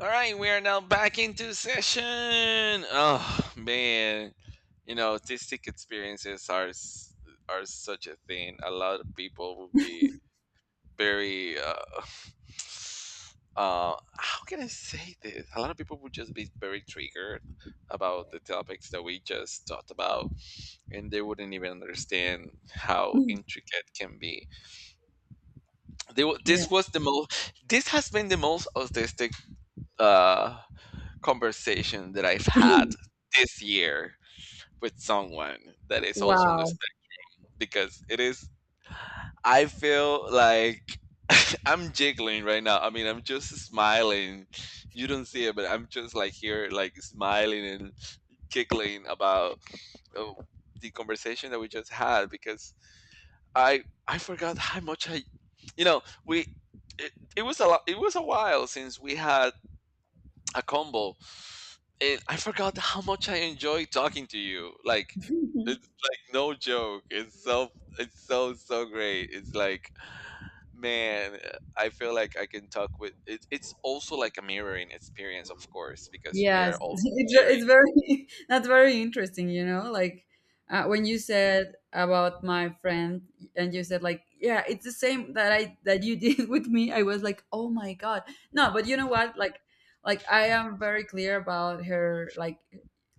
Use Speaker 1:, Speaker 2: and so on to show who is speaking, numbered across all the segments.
Speaker 1: All right, we are now back into session. Oh man, you know, autistic experiences are such a thing. A lot of people will be very how can I say this? A lot of people would just be very triggered about the topics that we just talked about, and they wouldn't even understand how
Speaker 2: Mm.
Speaker 1: intricate can be. They, wa-
Speaker 2: Yeah.
Speaker 1: this was the most. This has been the most autistic uh conversation that I've had this year with someone that is also on this
Speaker 2: Wow.
Speaker 1: thing because it is, I feel like I'm jiggling right now. I mean, I'm just smiling. You don't see it, but I'm just like here, like smiling and giggling about uh, the conversation that we just had because I forgot how much I, you know, we it, it was a lot, it was a while since we had a combo and I forgot how much I enjoy talking to you. Like it's like no joke. It's so great. It's like man, I feel like I can talk with it. It's also like a mirroring experience of course because we are
Speaker 2: Yes.
Speaker 1: all
Speaker 2: it's ve-
Speaker 1: sharing
Speaker 2: it's very that's very interesting, you know, like when you said about my friend, and you said like, yeah, it's the same that you did with me. I was like, "Oh my God." No, but you know what? Like I am very clear about her, like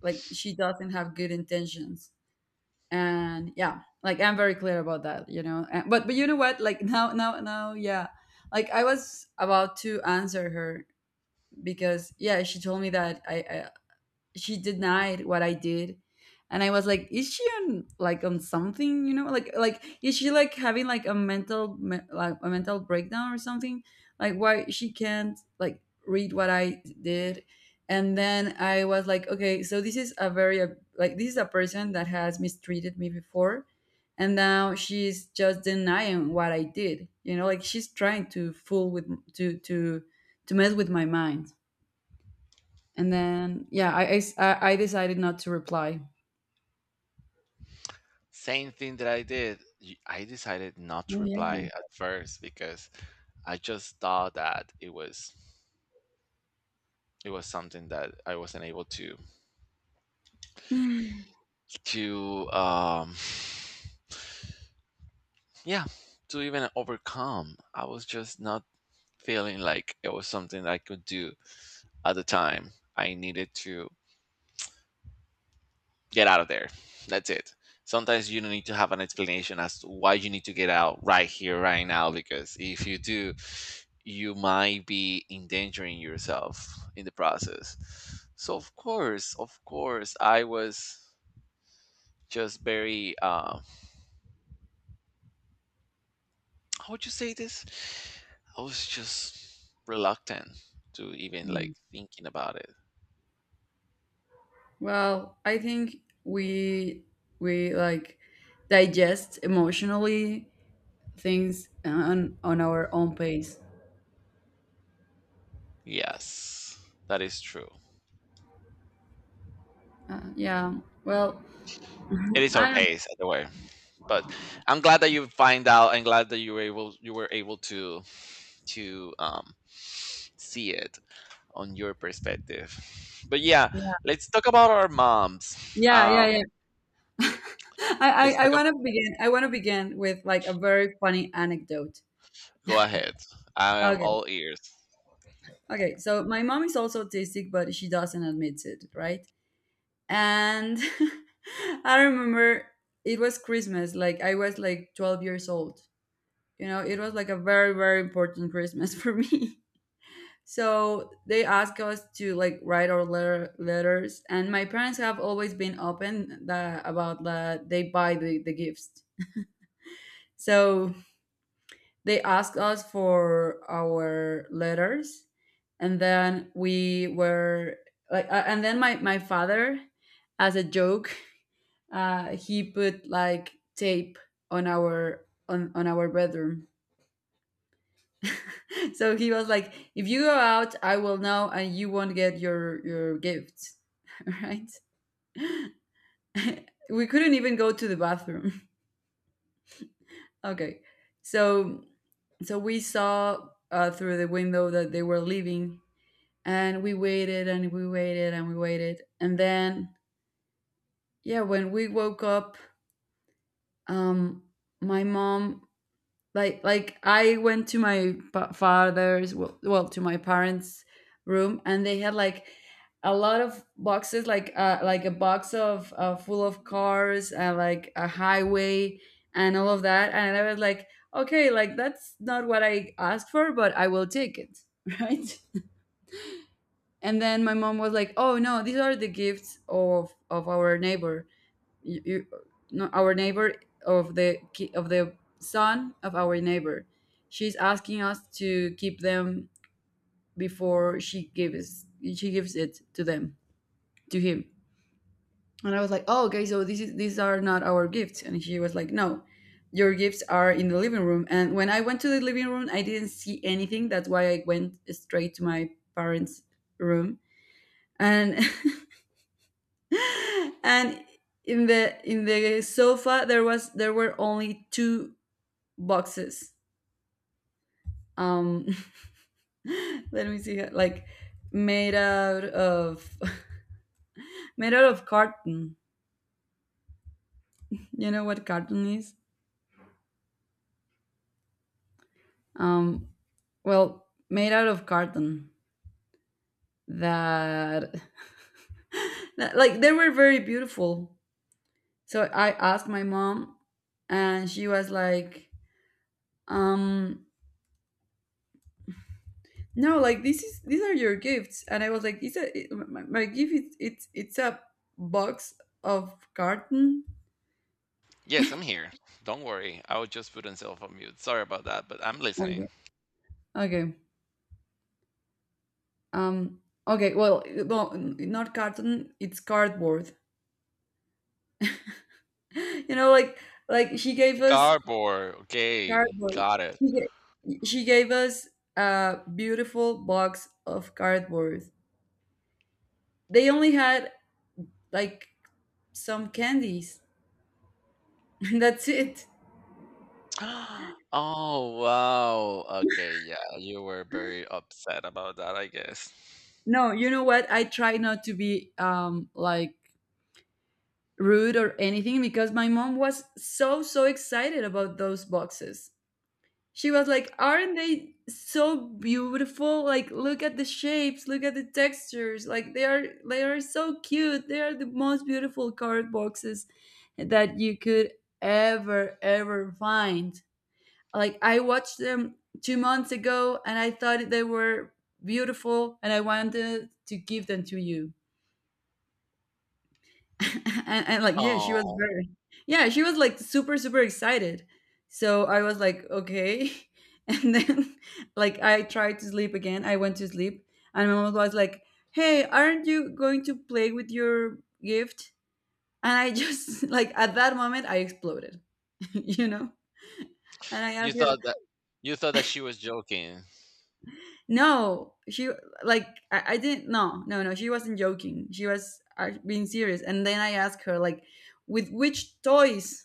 Speaker 2: like she doesn't have good intentions. And yeah, like, I'm very clear about that, you know, and, but you know what, like, now, yeah, like, I was about to answer her, because yeah, she told me that she denied what I did. And I was like, is she on, like, on something, you know? Like, is she like having like a mental like a mental breakdown or something? Like, why she can't like read what I did? And then I was like, okay, so this is a very like this is a person that has mistreated me before, and now she's just denying what I did. You know, like, she's trying to fool with to to to mess with my mind. And then, yeah, I decided not to reply.
Speaker 1: same thing that I did. I decided not
Speaker 2: Oh
Speaker 1: to
Speaker 2: yeah.
Speaker 1: reply at first because I just thought that it was something that I wasn't able to to um Yeah, to even overcome. I was just not feeling like it was something that I could do at the time. I needed to get out of there. That's it. Sometimes you don't need to have an explanation as to why you need to get out right here, right now, because if you do, you might be endangering yourself in the process. So, of course, I was just very, how would you say this? I was just reluctant to even like thinking about it.
Speaker 2: Well, I think we we like digest emotionally things on our own pace.
Speaker 1: Yes, that is true.
Speaker 2: Yeah. Well,
Speaker 1: It is our
Speaker 2: I don't know.
Speaker 1: pace either way. But I'm glad that you find out and glad that you were able to see it on your perspective. But yeah,
Speaker 2: Yeah.
Speaker 1: let's talk about our moms.
Speaker 2: Yeah. Yeah.
Speaker 1: Um
Speaker 2: Yeah. I
Speaker 1: let's
Speaker 2: I, I
Speaker 1: talk about
Speaker 2: want to begin. I want to begin with like a very funny anecdote.
Speaker 1: go ahead. I am
Speaker 2: Okay.
Speaker 1: all ears.
Speaker 2: Okay. So my mom is also autistic, but she doesn't admit it, right? And I remember, it was Christmas, like I was like 12 years old. You know, it was like a very, very important Christmas for me. So they asked us to like write our letters, and my parents have always been open about that they buy the gifts. So they asked us for our letters, and then we were like, and then my father, as a joke, he put like tape on our bedroom. So he was like, if you go out, I will know and you won't get your gifts. Right? We couldn't even go to the bathroom. Okay. So, we saw, through the window, that they were leaving, and we waited and we waited and we waited, and then, yeah, when we woke up, um my mom, like I went to my father's, well, to my parents' room, and they had like a lot of boxes, like, like a box of, full of cars, like a highway and all of that. And I was like, okay, like, that's not what I asked for, but I will take it. Right. And then my mom was like, oh no, these are the gifts of our neighbor. You, no, our neighbor, of the of the son of our neighbor. She's asking us to keep them before she gives it to them, to him. And I was like, oh, okay, so this is these are not our gifts. And she was like, no, your gifts are in the living room. And when I went to the living room, I didn't see anything. That's why I went straight to my parents' room. And and in the sofa, there were only two boxes. Um, let me see, like, made out of made out of carton. You know what carton is? Um, well, made out of carton. That, that, like, they were very beautiful. So I asked my mom, and she was like, um, "No, like this is these are your gifts." And I was like, "It's my gift. It's a box of carton."
Speaker 1: Yes, I'm here. Don't worry. I was just put myself on mute. Sorry about that, but I'm
Speaker 2: Okay.
Speaker 1: listening.
Speaker 2: Okay. Um, okay, well, no, not carton, it's cardboard. You know, like she gave us
Speaker 1: Cardboard. Okay,
Speaker 2: cardboard.
Speaker 1: got it.
Speaker 2: She gave us a beautiful box of cardboard. They only had like some candies. That's it.
Speaker 1: Oh, wow. Okay, yeah, you were very upset about that, I guess.
Speaker 2: No, you know what? I try not to be like rude or anything, because my mom was so so excited about those boxes. She was like, aren't they so beautiful? Like, look at the shapes, look at the textures. Like, they are so cute. They are the most beautiful card boxes that you could ever ever find. Like, I watched them 2 months ago, and I thought they were beautiful, and I wanted to give them to you. And, like, yeah, she was
Speaker 1: Oh,
Speaker 2: very yeah, she was like super, super excited. So I was like, "Okay." And then, like, I tried to sleep again. I went to sleep, and my mom was like, "Hey, aren't you going to play with your gift?" And I just like, at that moment, I exploded, you know? And I
Speaker 1: you
Speaker 2: asked her,
Speaker 1: thought that you thought that she was joking.
Speaker 2: no, she, like, I didn't, no, no, no, she wasn't joking. She was, being serious. And then I asked her, like, "With which toys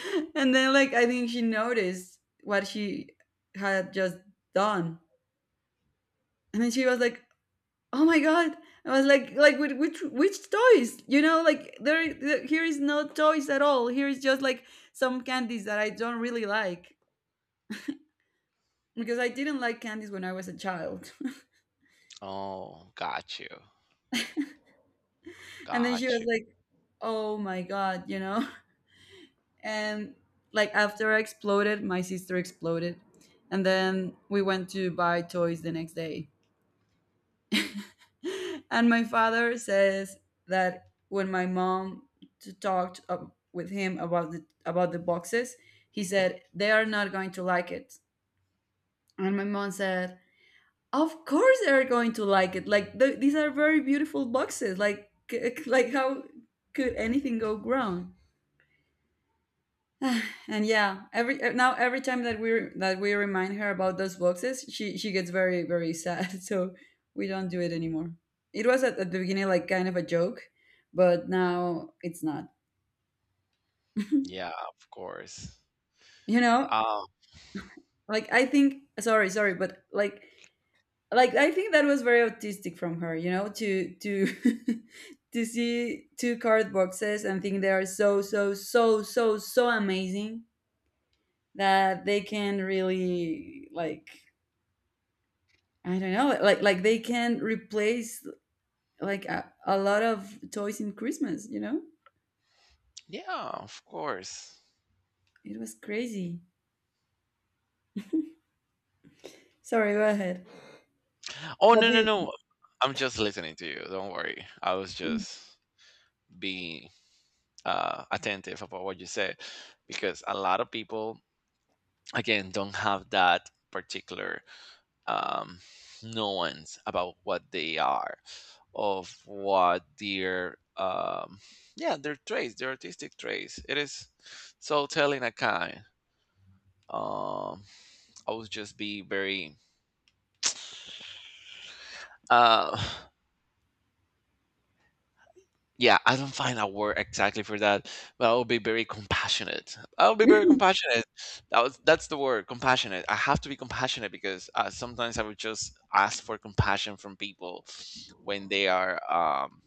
Speaker 2: and then like I think she noticed what she had just done, and then she was like, "Oh my god!" I was like, "Like, with which toys? You know, like, here is no toys at all. Here is just like some candies that I don't really like because I didn't like candies when I was a child."
Speaker 1: Oh, got you.
Speaker 2: And then she
Speaker 1: Got
Speaker 2: was
Speaker 1: you.
Speaker 2: like, "Oh my god!" You know, and like, after I exploded, my sister exploded, and then we went to buy toys the next day. And my father says that when my mom talked, with him about the boxes, he said they are not going to like it. And my mom said, "Of course they are going to like it. Like, these are very beautiful boxes. Like, like, how could anything go wrong?" And yeah, every now every time that we remind her about those boxes, she gets very very sad. So we don't do it anymore. It was, at the beginning, like, kind of a joke, but now it's not. You
Speaker 1: Yeah, of course.
Speaker 2: know,
Speaker 1: Um,
Speaker 2: like, I think, sorry, sorry, but like, I think that was very autistic from her, you know, to to see two card boxes and think they are so so so so so amazing that they can really like, I don't know, like they can replace like a lot of toys in Christmas, you know?
Speaker 1: yeah, of course.
Speaker 2: It was crazy. Sorry, go ahead.
Speaker 1: Oh,
Speaker 2: What
Speaker 1: no, no,
Speaker 2: do
Speaker 1: no. I'm just listening to you. Don't worry. I was
Speaker 2: you
Speaker 1: just being attentive about what you said because a lot of people again don't have that particular um, nuance about what they are of what their yeah, their traits, their artistic traits. It is so telling a kind. Um, i would just be very uh, yeah, I don't find a word exactly for that, but I will be very compassionate. I will be very compassionate. That's the word, compassionate. I have to be compassionate because sometimes I would just ask for compassion from people when they are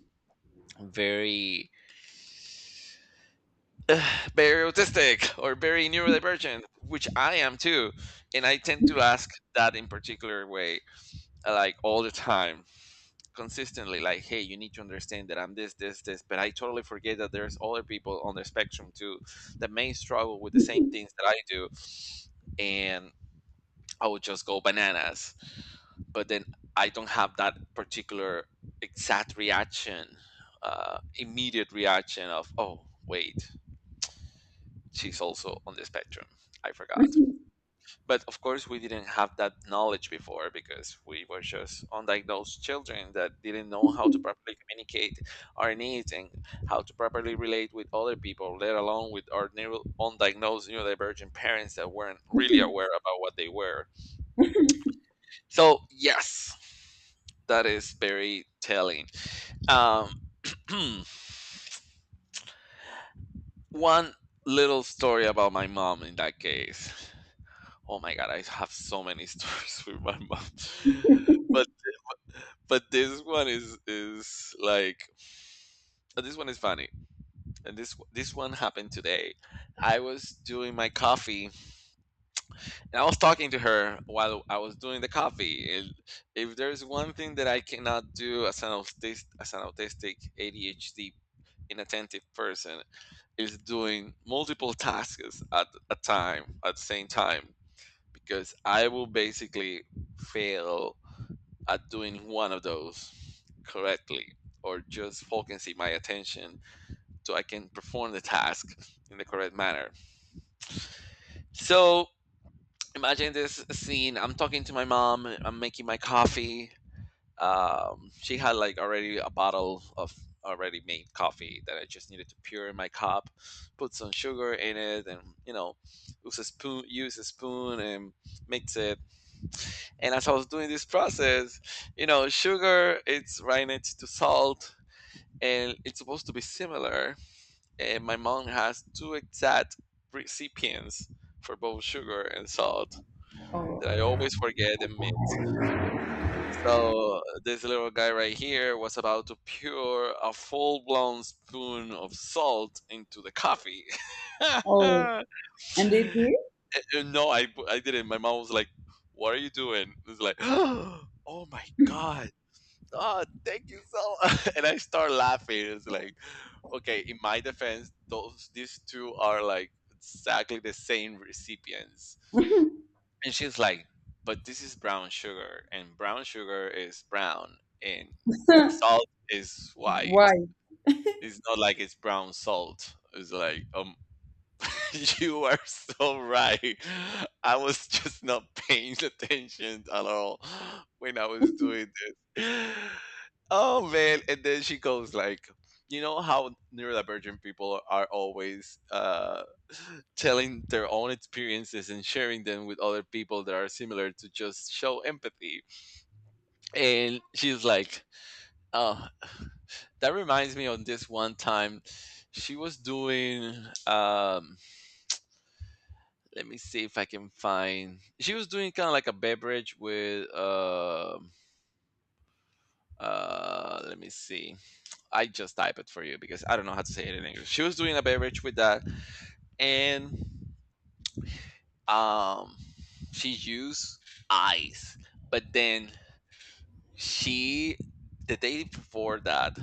Speaker 1: very very autistic or very neurodivergent, which I am too, and I tend to ask that in particular way like all the time. Consistently like, hey, you need to understand that I'm this, but I totally forget that there's other people on the spectrum too that may struggle with the same things that I do, and I would just go bananas. But then I don't have that particular exact reaction, immediate reaction of, oh wait, she's also on the spectrum. I forgot. But of course, we didn't have that knowledge before because we were just undiagnosed children that didn't know how to properly communicate our needs and how to properly relate with other people, let alone with our undiagnosed neurodivergent parents that weren't really aware about what they were. So, yes, that is very telling. Um, one little story about my mom in that case. Oh my god, I have so many stories with my mom. But but this one is like this one is funny and this one happened today. I was doing my coffee and I was talking to her while I was doing the coffee, and if there's one thing that I cannot do as an autistic ADHD inattentive person is doing multiple tasks at the same time, because I will basically fail at doing one of those correctly or just focusing my attention so I can perform the task in the correct manner. So imagine this scene. I'm talking to my mom, I'm making my coffee. She had like already a bottle of already made coffee that I just needed to pour in my cup, put some sugar in it, and you know, use a spoon, and mix it. And as I was doing this process, you know, sugar it's right next to salt, and it's supposed to be similar. And my mom has two exact recipients for both sugar and salt that I
Speaker 2: Oh,
Speaker 1: always forget and miss. So this little guy right here was about to pour a full-blown spoon of salt into the coffee.
Speaker 2: oh, and they did?
Speaker 1: No, I didn't. My mom was like, "What are you doing?" It's like, "Oh my god!" Oh, thank you so much. And I start laughing. It's like, okay, in my defense, those these two are like exactly the same recipients. And she's like, but this is brown sugar, and brown sugar is brown, and salt is white.
Speaker 2: Why?
Speaker 1: It's not like it's brown salt. It's like, you are so right. I was just not paying attention at all when I was doing this. Oh man, and then she goes like, you know how neurodivergent people are always telling their own experiences and sharing them with other people that are similar to just show empathy. And she's like, oh, that reminds me of this one time she was doing um let me see if I can find. She was doing kind of like a beverage with. Let me see. I just type it for you because I don't know how to say it in English. She was doing a beverage with that, and um, she used ice, but then she the day before that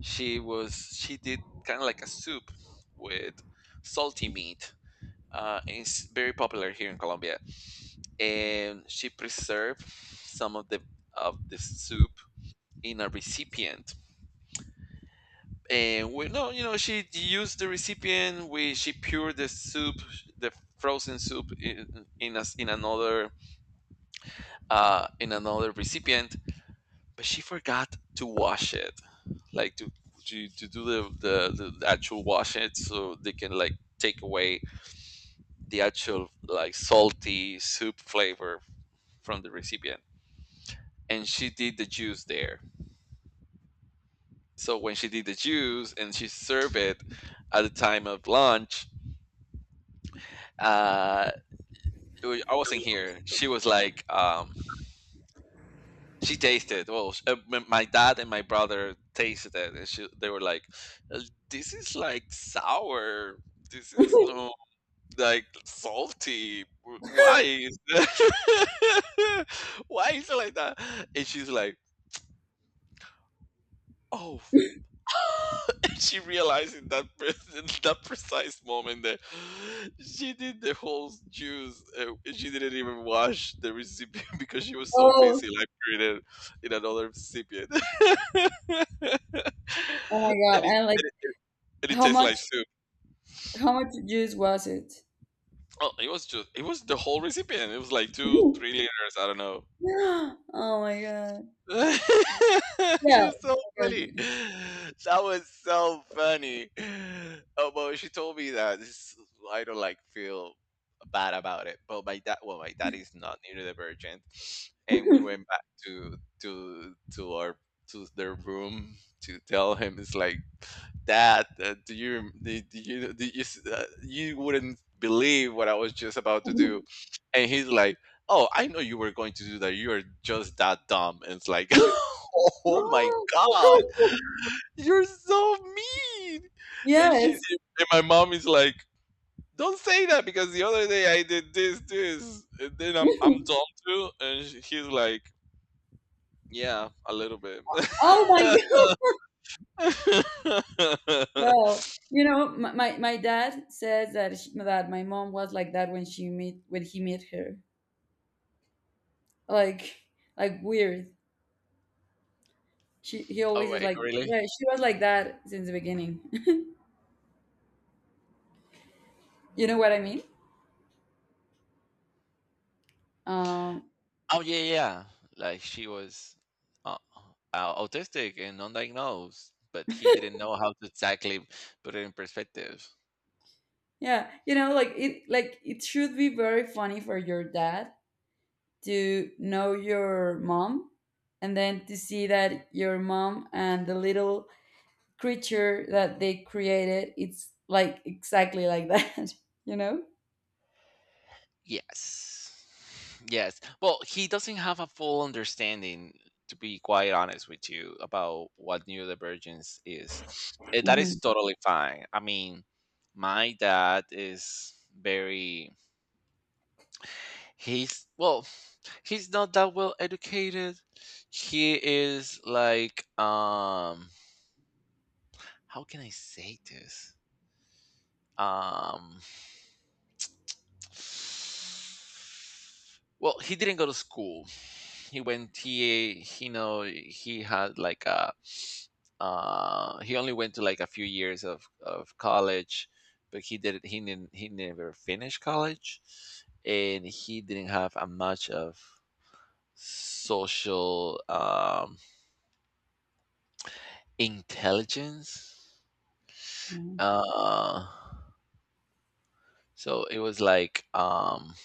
Speaker 1: she did kind of like a soup with salty meat. It's very popular here in Colombia, and she preserved some of the soup in a recipient. And we no, you know, she used the recipient. We She poured the soup, the frozen soup, in another recipient. But she forgot to wash it, like to do the actual wash it, so they can like take away the actual like salty soup flavor from the recipient. And she did the juice there. So when she did the juice and she served it at the time of lunch, uh, I wasn't here. She was like, she tasted. Well, sh- my dad and my brother tasted it, and they were like, "Uh, this is like sour. This is like salty. Why is why is it like that?" And she's like, "Oh" she realized in that precise moment that she did the whole juice. She didn't even wash the recipient because she was so
Speaker 2: Oh,
Speaker 1: busy like creating in another recipient. It, and,
Speaker 2: oh my God.
Speaker 1: it,
Speaker 2: And like,
Speaker 1: it- and it
Speaker 2: how
Speaker 1: tastes
Speaker 2: much
Speaker 1: like soup.
Speaker 2: how much juice was it?
Speaker 1: Oh, it was just it was the whole recipient. It was like two, three liters. I don't know.
Speaker 2: Oh my God. Yeah.
Speaker 1: She's so funny.
Speaker 2: Okay.
Speaker 1: That was so funny. Oh, well, she told me that. I don't like feel bad about it. But my dad, well, my dad is not neurodivergent, and we went back to our to their room to tell him. It's like, Dad, do you did you you wouldn't believe what I was just about to do, and he's like, oh, I know you were going to do that. You are just that dumb. And it's like, oh my God, you're so mean. And
Speaker 2: Yes.
Speaker 1: my mom is like, don't say that because the other day I did this. And then I'm dumb too. And he's like, yeah, a little bit.
Speaker 2: Oh my god. Well, you know, my dad says that sh that my mom was like that when she meet when he met her, like, weird. She he
Speaker 1: Oh,
Speaker 2: always is
Speaker 1: wait,
Speaker 2: like,
Speaker 1: really?
Speaker 2: yeah, she was like that since the beginning. You know what I mean. um
Speaker 1: Oh yeah, yeah. Like she was uh, autistic and undiagnosed, but he didn't know how to exactly put it in perspective.
Speaker 2: yeah, you know, like, it like it should be very funny for your dad to know your mom, and then to see that your mom and the little creature that they created, it's like exactly like that. You know.
Speaker 1: Yes, yes. Well, he doesn't have a full understanding, to be quite honest with you, about what neurodivergence is. And that is
Speaker 2: Hmm.
Speaker 1: totally fine. I mean, my dad is very He's well, he's not that well educated. He is like how can I say this? Um Well, he didn't go to school. He went he know he had like a he only went to like a few years of college, but he never finished college, and he didn't have a much of social intelligence.
Speaker 2: Hmm.
Speaker 1: Uh, so it was like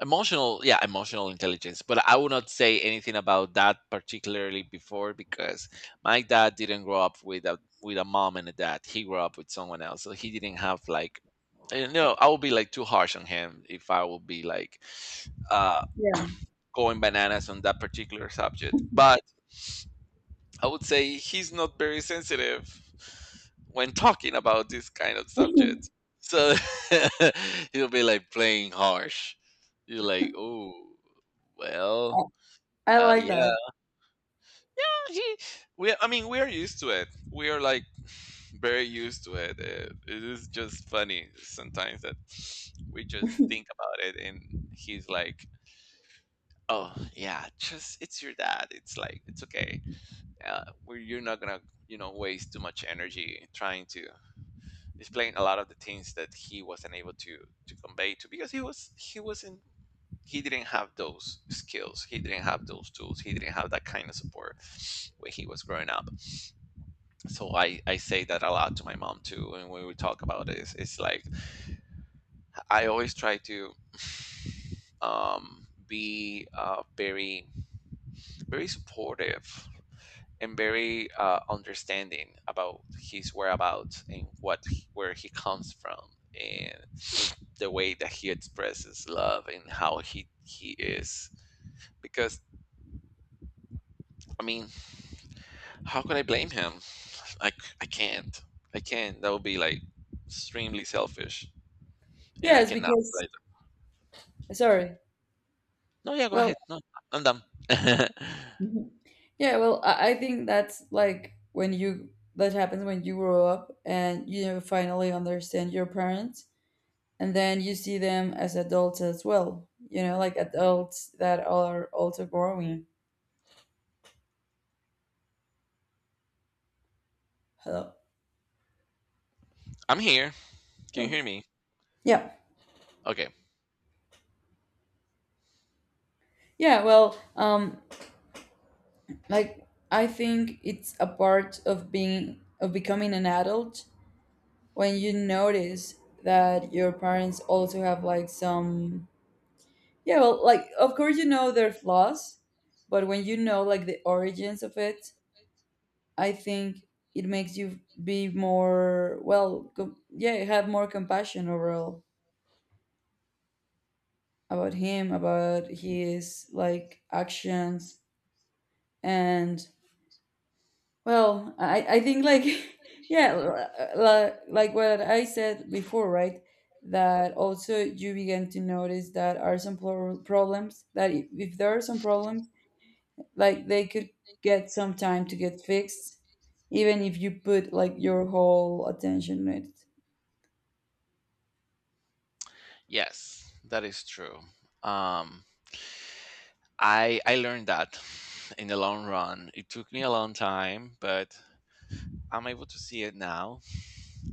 Speaker 1: emotional, yeah, emotional intelligence. But I would not say anything about that particularly before, because my dad didn't grow up with a mom and a dad. He grew up with someone else, so he didn't have like. I would be like too harsh on him if I would be like uh,
Speaker 2: Yeah.
Speaker 1: going bananas on that particular subject. But I would say he's not very sensitive when talking about this kind of subject. So he'll be like playing harsh. You're like, oh,
Speaker 2: i
Speaker 1: well,
Speaker 2: I like
Speaker 1: yeah.
Speaker 2: that.
Speaker 1: He- we, I mean, we are used to it. We are like very used to it. It is just funny sometimes that we just think about it, and he's like, oh, yeah, just it's your dad. It's like it's okay, where you're not gonna waste too much energy trying to explain a lot of the things that he wasn't able to convey to, because he didn't have those skills, he didn't have those tools, he didn't have that kind of support when he was growing up. So I say that a lot to my mom too, and when we talk about this, it's like I always try to be, very very supportive, and very understanding about his whereabouts and where he comes from, and the way that he expresses love and how he is. Because, I mean, how could I blame him? Like, i can't I can't. That would be like extremely selfish, and I
Speaker 2: Yes,
Speaker 1: cannot be
Speaker 2: because,
Speaker 1: like—
Speaker 2: sorry,
Speaker 1: No, yeah, go
Speaker 2: well.
Speaker 1: ahead, no, I'm done.
Speaker 2: Mhm. Yeah, well, I think that's like, when you that happens when you grow up, and you know, finally understand your parents, and then you see them as adults as well, you know, like, adults that are also growing. Hello.
Speaker 1: I'm here, can you
Speaker 2: Oh.
Speaker 1: hear me?
Speaker 2: Yeah,
Speaker 1: Okay.
Speaker 2: yeah, well, um, like, I think it's a part of becoming an adult, when you notice that your parents also have like some, yeah, well, like, of course, you know, their flaws, but when you know, like, the origins of it, I think, it makes you be more, well, yeah, have more compassion overall, about him, about his, like, actions. And, well, I think, like, yeah, like, what I said before, right? That also you begin to notice that are some problems, that if there are some problems, like, they could get some time to get fixed, even if you put like your whole attention in
Speaker 1: Yes, that is true. um I learned that in the long run. It took me a long time, but I'm able to see it now,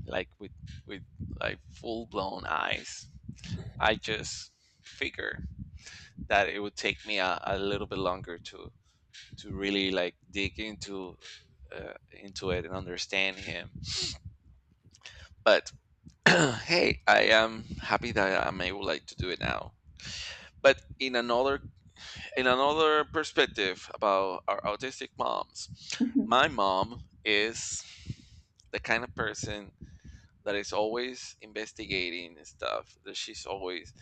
Speaker 1: like with like full blown eyes. I just figure that it would take me a little bit longer to really like dig into, into it and understand him. But hey, I am happy that I'm able like to do it now. But in another perspective about our autistic moms, my mom is the kind of person that is always investigating and stuff. That she's always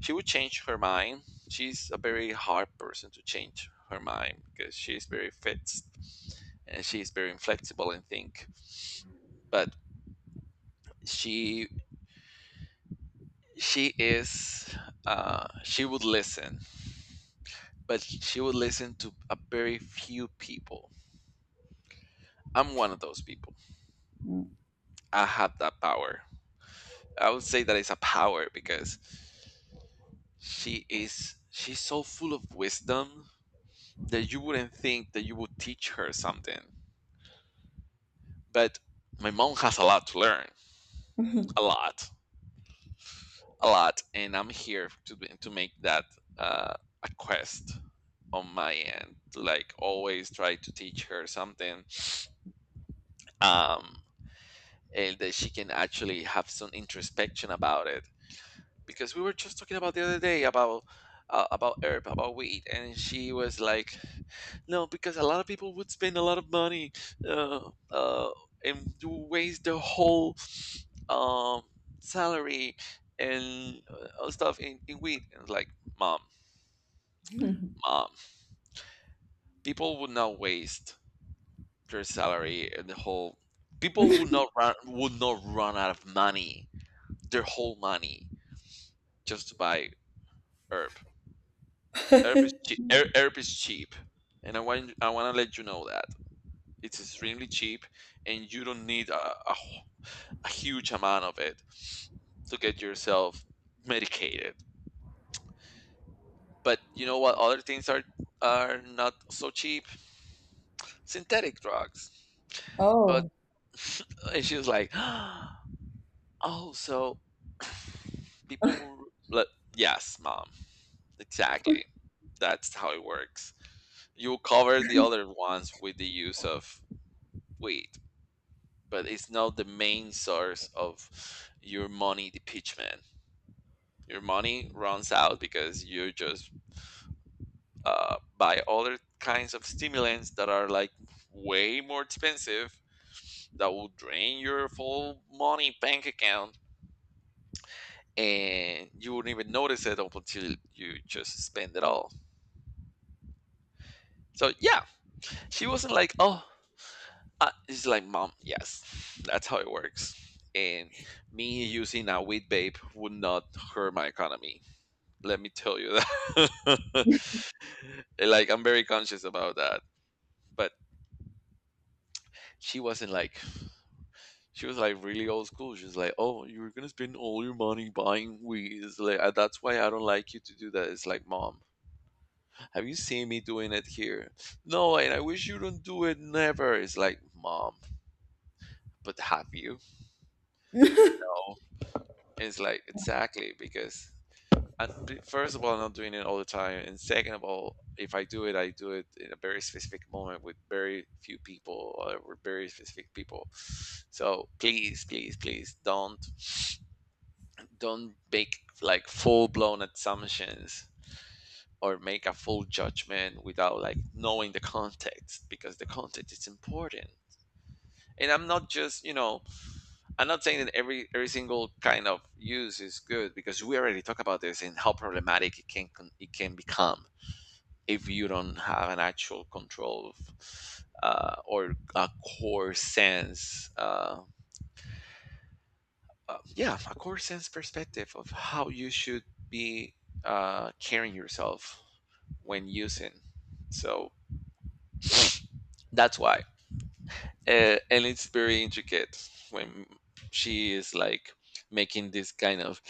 Speaker 1: she would change her mind. She's a very hard person to change her mind, because she's very fixed and she's very inflexible and think. But she she is she would listen, but she would listen to a very few people. I'm one of those people. I have that power. I would say that it's a power because she's so full of wisdom that you wouldn't think that you would teach her something. But my mom has a lot to learn, a lot, a lot, and I'm here to make that, uh, a quest on my end to like always try to teach her something, um, and that she can actually have some introspection about it, because we were just talking about the other day about, about herb, about weed, and she was like, no, because a lot of people would spend a lot of money, uh, uh, and do waste their whole, um, salary, and, stuff in weed, and like, mom, mom, people would not waste their salary and the whole— people would not run out of money, their whole money, just to buy herb. Europe is
Speaker 2: it.
Speaker 1: cheap. Europe is cheap, and I want to let you know that it's extremely cheap, and you don't need a huge amount of it to get yourself medicated. But you know what? Other things are not so cheap. Synthetic drugs. But
Speaker 2: Oh.
Speaker 1: and she was like, "Oh, so people were like, yes, mom, exactly. That's how it works. You cover the other ones with the use of weed." But it's not the main source of your money depletion. Your money runs out because you just buy other kinds of stimulants that are like way more expensive, that will drain your full money bank account, and you wouldn't even notice it up until you just spend it all. So yeah, she wasn't like, oh, it's like, mom. Yes, that's how it works. And me using a weed vape would not hurt my economy, let me tell you that. Like, I'm very conscious about that. But she wasn't like— she was like really old school. She was like, oh, you're gonna spend all your money buying weed. It's like, that's why I don't like you to do that." It's like, mom, have you seen me doing it here? No. And I wish you don't do it never. It's like, mom, but have you— No. It's like, exactly, because— And first of all, I'm not doing it all the time. And second of all, if I do it, I do it in a very specific moment with very few people or with very specific people. So please, please, please, don't make like full blown assumptions or make a full judgment without like knowing the context, because the context is important. And I'm not just, I'm not saying that every single kind of use is good, because we already talked about this and how problematic it can become if you don't have an actual control of, or a core sense, yeah, a core sense perspective of how you should be, carrying yourself when using. So that's why, and it's very intricate when she is like making this kind of,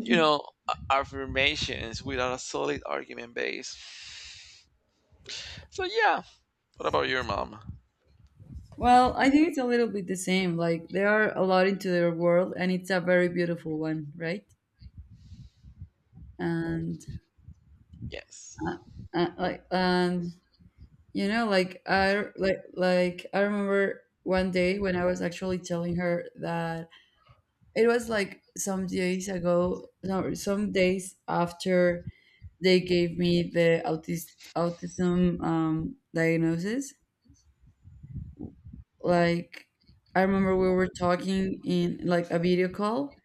Speaker 1: you know, affirmations without a solid argument base. So yeah, what about your mom?
Speaker 2: Well, I think it's a little bit the same. Like, they are a lot into their world, and it's a very beautiful one, right? And, uh,
Speaker 1: Yes.
Speaker 2: like, and you know, like, I like I remember one day when I was actually telling her that, it was like some days ago, no, some days after they gave me the autism, diagnosis. Like, I remember we were talking in like a video call,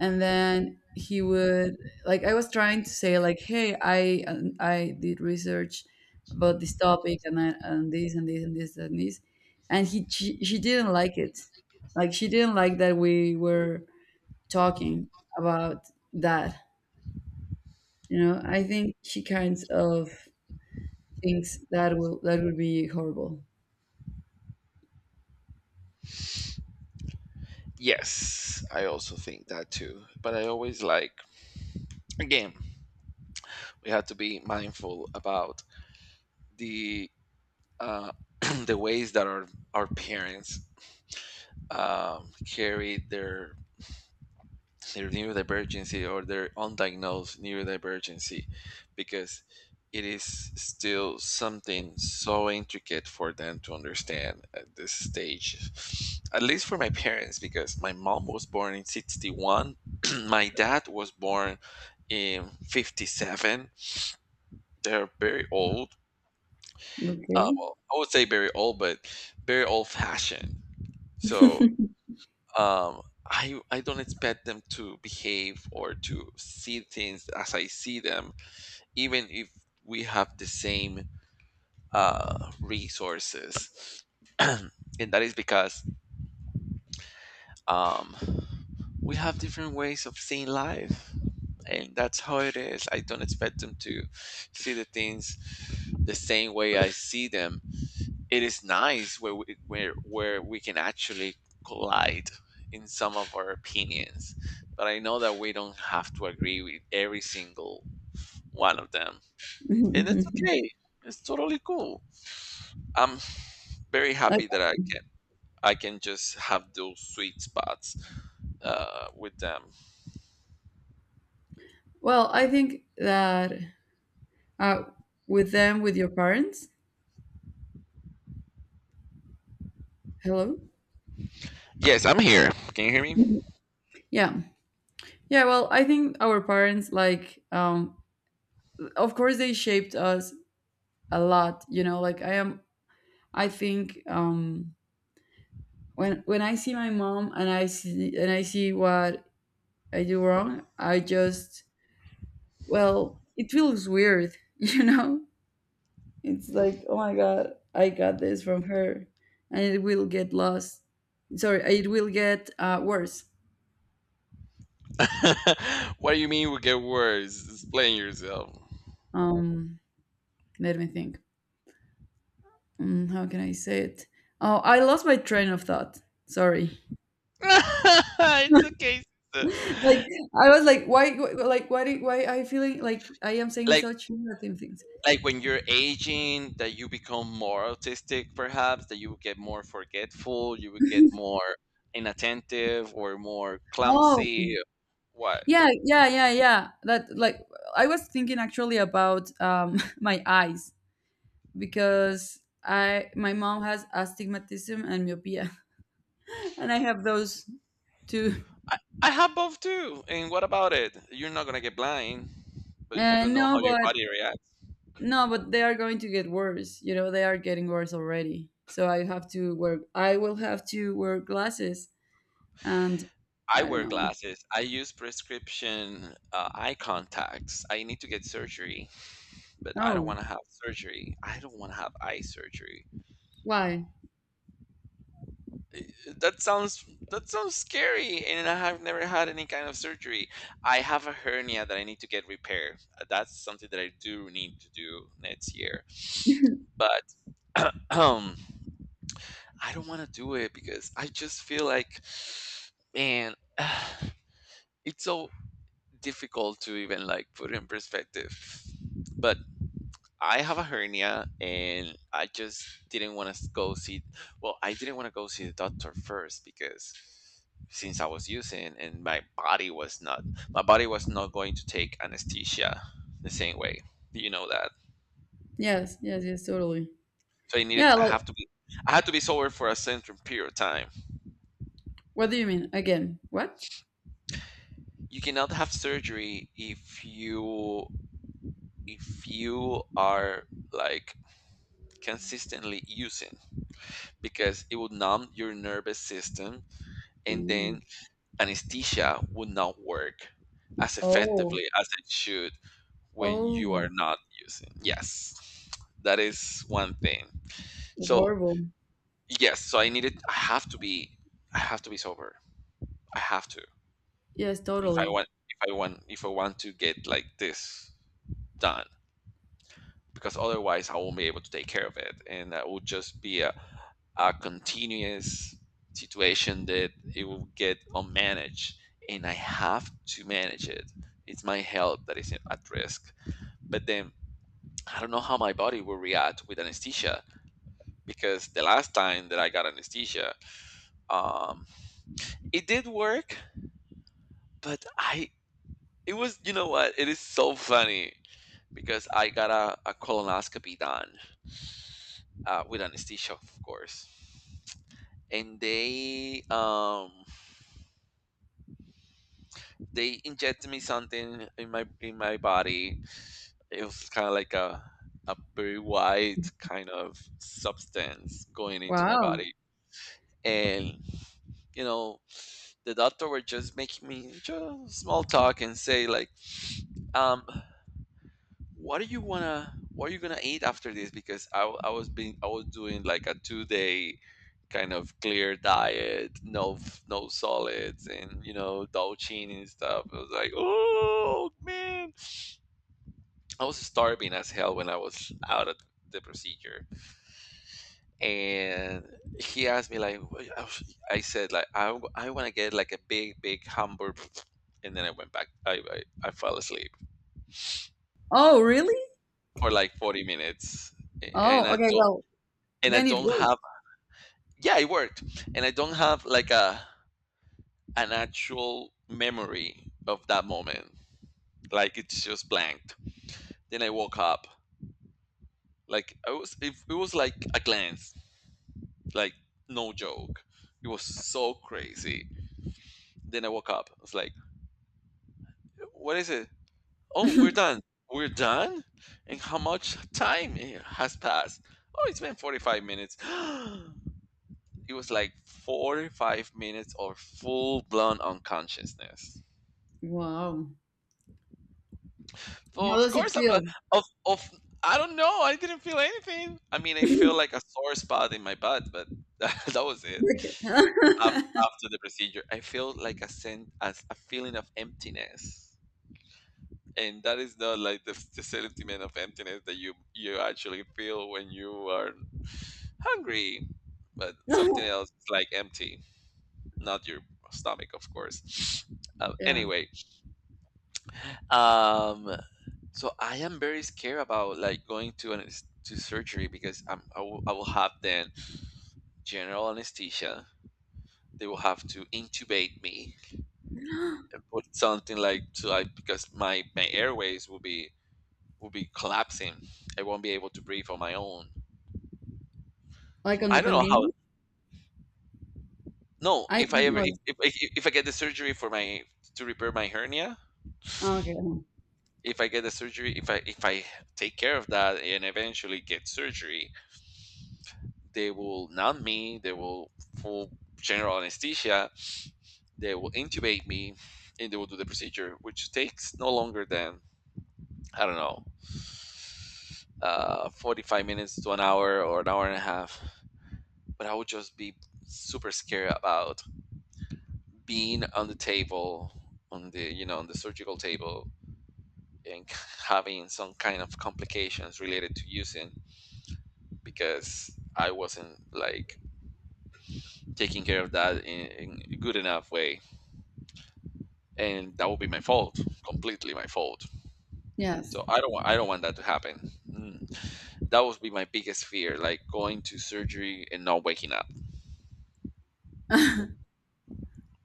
Speaker 2: and then he would like I was trying to say like, hey, I did research about this topic, and this and this and this and this, and she didn't like it. Like, she didn't like that we were talking about that. You know, I think she kinds of thinks that would be horrible.
Speaker 1: Yes, I also think that too. But I always like— again, we have to be mindful about the uh, the ways that our parents, carry their neurodivergency or their undiagnosed neurodivergency, because it is still something so intricate for them to understand at this stage, at least for my parents, because my mom was born in 61, my dad was born in 57. They're very old.
Speaker 2: Okay.
Speaker 1: Well, I would say very old, but very old fashioned. So I don't expect them to behave or to see things as I see them, even if we have the same, resources, and that is because, um, we have different ways of seeing life, and that's how it is. I don't expect them to see the things the same way I see them. It is nice where we can actually collide in some of our opinions, but I know that we don't have to agree with every single one of them, and it's okay. It's totally cool. I'm very
Speaker 2: Okay.
Speaker 1: happy that I can just have those sweet spots, with them.
Speaker 2: Well, I think that, uh, with them, with your parents, hello?
Speaker 1: Yes, I'm here, can you hear me?
Speaker 2: Mhm. Yeah. Yeah, well, I think our parents, like, of course, they shaped us a lot, you know, like, I am, I think, when I see my mom, and I see what I do wrong, I just, well, it feels weird, you know. It's like, oh my god, I got this from her, and it will get lost. Sorry, it will get, worse.
Speaker 1: What do you mean we get worse? Explain yourself.
Speaker 2: Um, let me think. How can I say it? Oh, I lost my train of thought. Sorry.
Speaker 1: It's okay, sister.
Speaker 2: Like, I was like, why? Like, why? Why I feeling like I am saying
Speaker 1: like
Speaker 2: such negative things?
Speaker 1: like when you're aging, that you become more autistic perhaps, that you get more forgetful, you would get more inattentive or more
Speaker 2: Oh,
Speaker 1: clumsy, what?
Speaker 2: yeah, yeah, yeah, yeah. That, like, I was thinking actually about, my eyes, because I my mom has astigmatism and myopia, and I have those too.
Speaker 1: I, I have both too, and what about it? You're not gonna get blind, but you don't
Speaker 2: And
Speaker 1: know
Speaker 2: no,
Speaker 1: how your
Speaker 2: but
Speaker 1: body reacts.
Speaker 2: no, but they are going to get worse. You know, they are getting worse already. So I have to wear. I will have to wear glasses, and
Speaker 1: I
Speaker 2: I don't
Speaker 1: wear
Speaker 2: know.
Speaker 1: glasses, I use prescription, eye contacts, I need to get surgery, but I don't
Speaker 2: Oh,
Speaker 1: want to have surgery. I don't want to have eye surgery.
Speaker 2: why?
Speaker 1: That sounds that sounds scary, and I have never had any kind of surgery. I have a hernia that I need to get repaired. That's something that I do need to do next year. But I don't want to do it because I just feel like, man, it's so difficult to even like put in perspective. But I have a hernia, and I just didn't want to go see well, I didn't want to go see the doctor first, because since I was using, and my body was not going to take anesthesia the same way. You know that.
Speaker 2: Yes, yes, yes, totally.
Speaker 1: So I needed
Speaker 2: Yeah.
Speaker 1: I
Speaker 2: Like,
Speaker 1: have to be I had to be sober for a certain period of time.
Speaker 2: what do you mean? Again? What?
Speaker 1: You cannot have surgery if you are like consistently using, because it will numb your nervous system, and
Speaker 2: Mm.
Speaker 1: then anesthesia would not work as
Speaker 2: Oh,
Speaker 1: effectively as it should when
Speaker 2: oh,
Speaker 1: you are not using. Yes, that is one thing. So
Speaker 2: horrible.
Speaker 1: yes, so I needed. I have to be. I have to be sober. I have to,
Speaker 2: Yes,
Speaker 1: if I
Speaker 2: totally.
Speaker 1: want. If I want. If I want to get like this done, because otherwise I won't be able to take care of it, and that will just be a continuous situation that it will get unmanaged, and I have to manage it. It's my health that is at risk. But then I don't know how my body will react with anesthesia because the last time that I got anesthesia, um, it did work, but I it was you know what it is, so funny because I got a colonoscopy done, with anesthesia, of course. And they injected me something in my body. It was kind of like a very white kind of substance going into my
Speaker 2: Wow.
Speaker 1: body. And you know, the doctor were just making me just small talk and say like, um what are you gonna eat after this, because I, w- I was being I was doing like a 2 day kind of clear diet, no no solids, and you know, douching and stuff. I was like, oh man, I was starving as hell when I was out at the procedure. And he asked me like, I said like, I want to get like a big hamburger. And then I went back. I fell asleep
Speaker 2: Oh, really?
Speaker 1: for like 40 minutes,
Speaker 2: Oh,
Speaker 1: and
Speaker 2: okay. Well,
Speaker 1: I
Speaker 2: then it
Speaker 1: don't
Speaker 2: worked.
Speaker 1: have, yeah, it worked. And I don't have like a an actual memory of that moment. Like, it's just blanked. Then I woke up. Like, it was like a glance. Like, no joke. It was so crazy. Then I woke up. I was like, what is it? Oh, we're done. We're done? And how much time has passed? Oh, it's been 45 minutes. It was like 45 minutes or full blown unconsciousness.
Speaker 2: Wow.
Speaker 1: So
Speaker 2: How
Speaker 1: of
Speaker 2: does it
Speaker 1: course I'm a
Speaker 2: feel?
Speaker 1: of I don't know. I didn't feel anything. I mean, I feel like a sore spot in my butt, but that was it. After, after the procedure, I feel like as a feeling of emptiness, and that is not like the sentiment of emptiness that you actually feel when you are hungry, but something else is like empty, not your stomach, of course.
Speaker 2: Yeah.
Speaker 1: Anyway, um, so I am very scared about like going to an to surgery because I will have then general anesthesia. They will have to intubate me and put something like to like, because my airways will be collapsing. I won't be able to breathe on my own.
Speaker 2: Like
Speaker 1: So
Speaker 2: on the
Speaker 1: I don't know how.
Speaker 2: pandemic?
Speaker 1: No,
Speaker 2: I not,
Speaker 1: if I get the surgery for my to repair my hernia,
Speaker 2: oh, okay.
Speaker 1: if I get the surgery, if I take care of that and eventually get surgery, they will numb me. They will full general anesthesia. They will intubate me, and they will do the procedure, which takes no longer than, I don't know, 45 minutes to an hour, or an hour and a half. But I would just be super scared about being on the table, on the you know, on the surgical table, and having some kind of complications related to using, because I wasn't like taking care of that in a good enough way, and that would be my fault, completely my fault.
Speaker 2: Yes.
Speaker 1: So I don't want that to happen. Mm. That would be my biggest fear, like going to surgery and not waking up.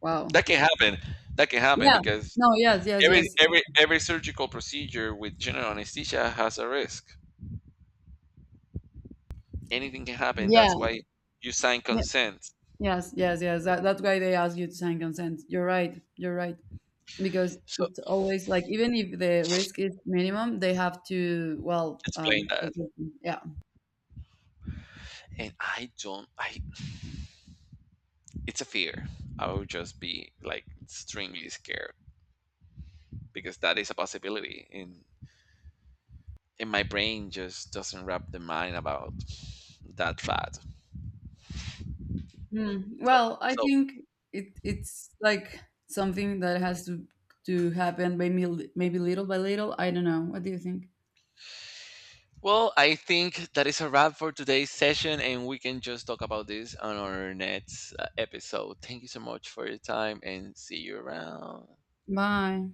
Speaker 2: Wow.
Speaker 1: That can happen. That can happen
Speaker 2: Yeah.
Speaker 1: because
Speaker 2: No, yes, yes, yes.
Speaker 1: every surgical procedure with general anesthesia has a risk. Anything can happen. That's
Speaker 2: Yeah.
Speaker 1: why you sign
Speaker 2: Ye-
Speaker 1: consent.
Speaker 2: Yes, yes, yes. That's why they ask you to sign consent. You're right. You're right. Because
Speaker 1: So
Speaker 2: it's always like, even if the risk is minimum, they have to, well,
Speaker 1: explain that.
Speaker 2: yeah.
Speaker 1: And I don't I it's a fear. I would just be like extremely scared because that is a possibility, and my brain just doesn't wrap the mind about that fact.
Speaker 2: Hmm.
Speaker 1: So,
Speaker 2: Well, I
Speaker 1: so
Speaker 2: think it's like something that has to happen, maybe maybe little by little. I don't know. What do you think?
Speaker 1: well, I think that is a wrap for today's session, and we can just talk about this on our next episode. Thank you so much for your time, and see you around.
Speaker 2: Bye.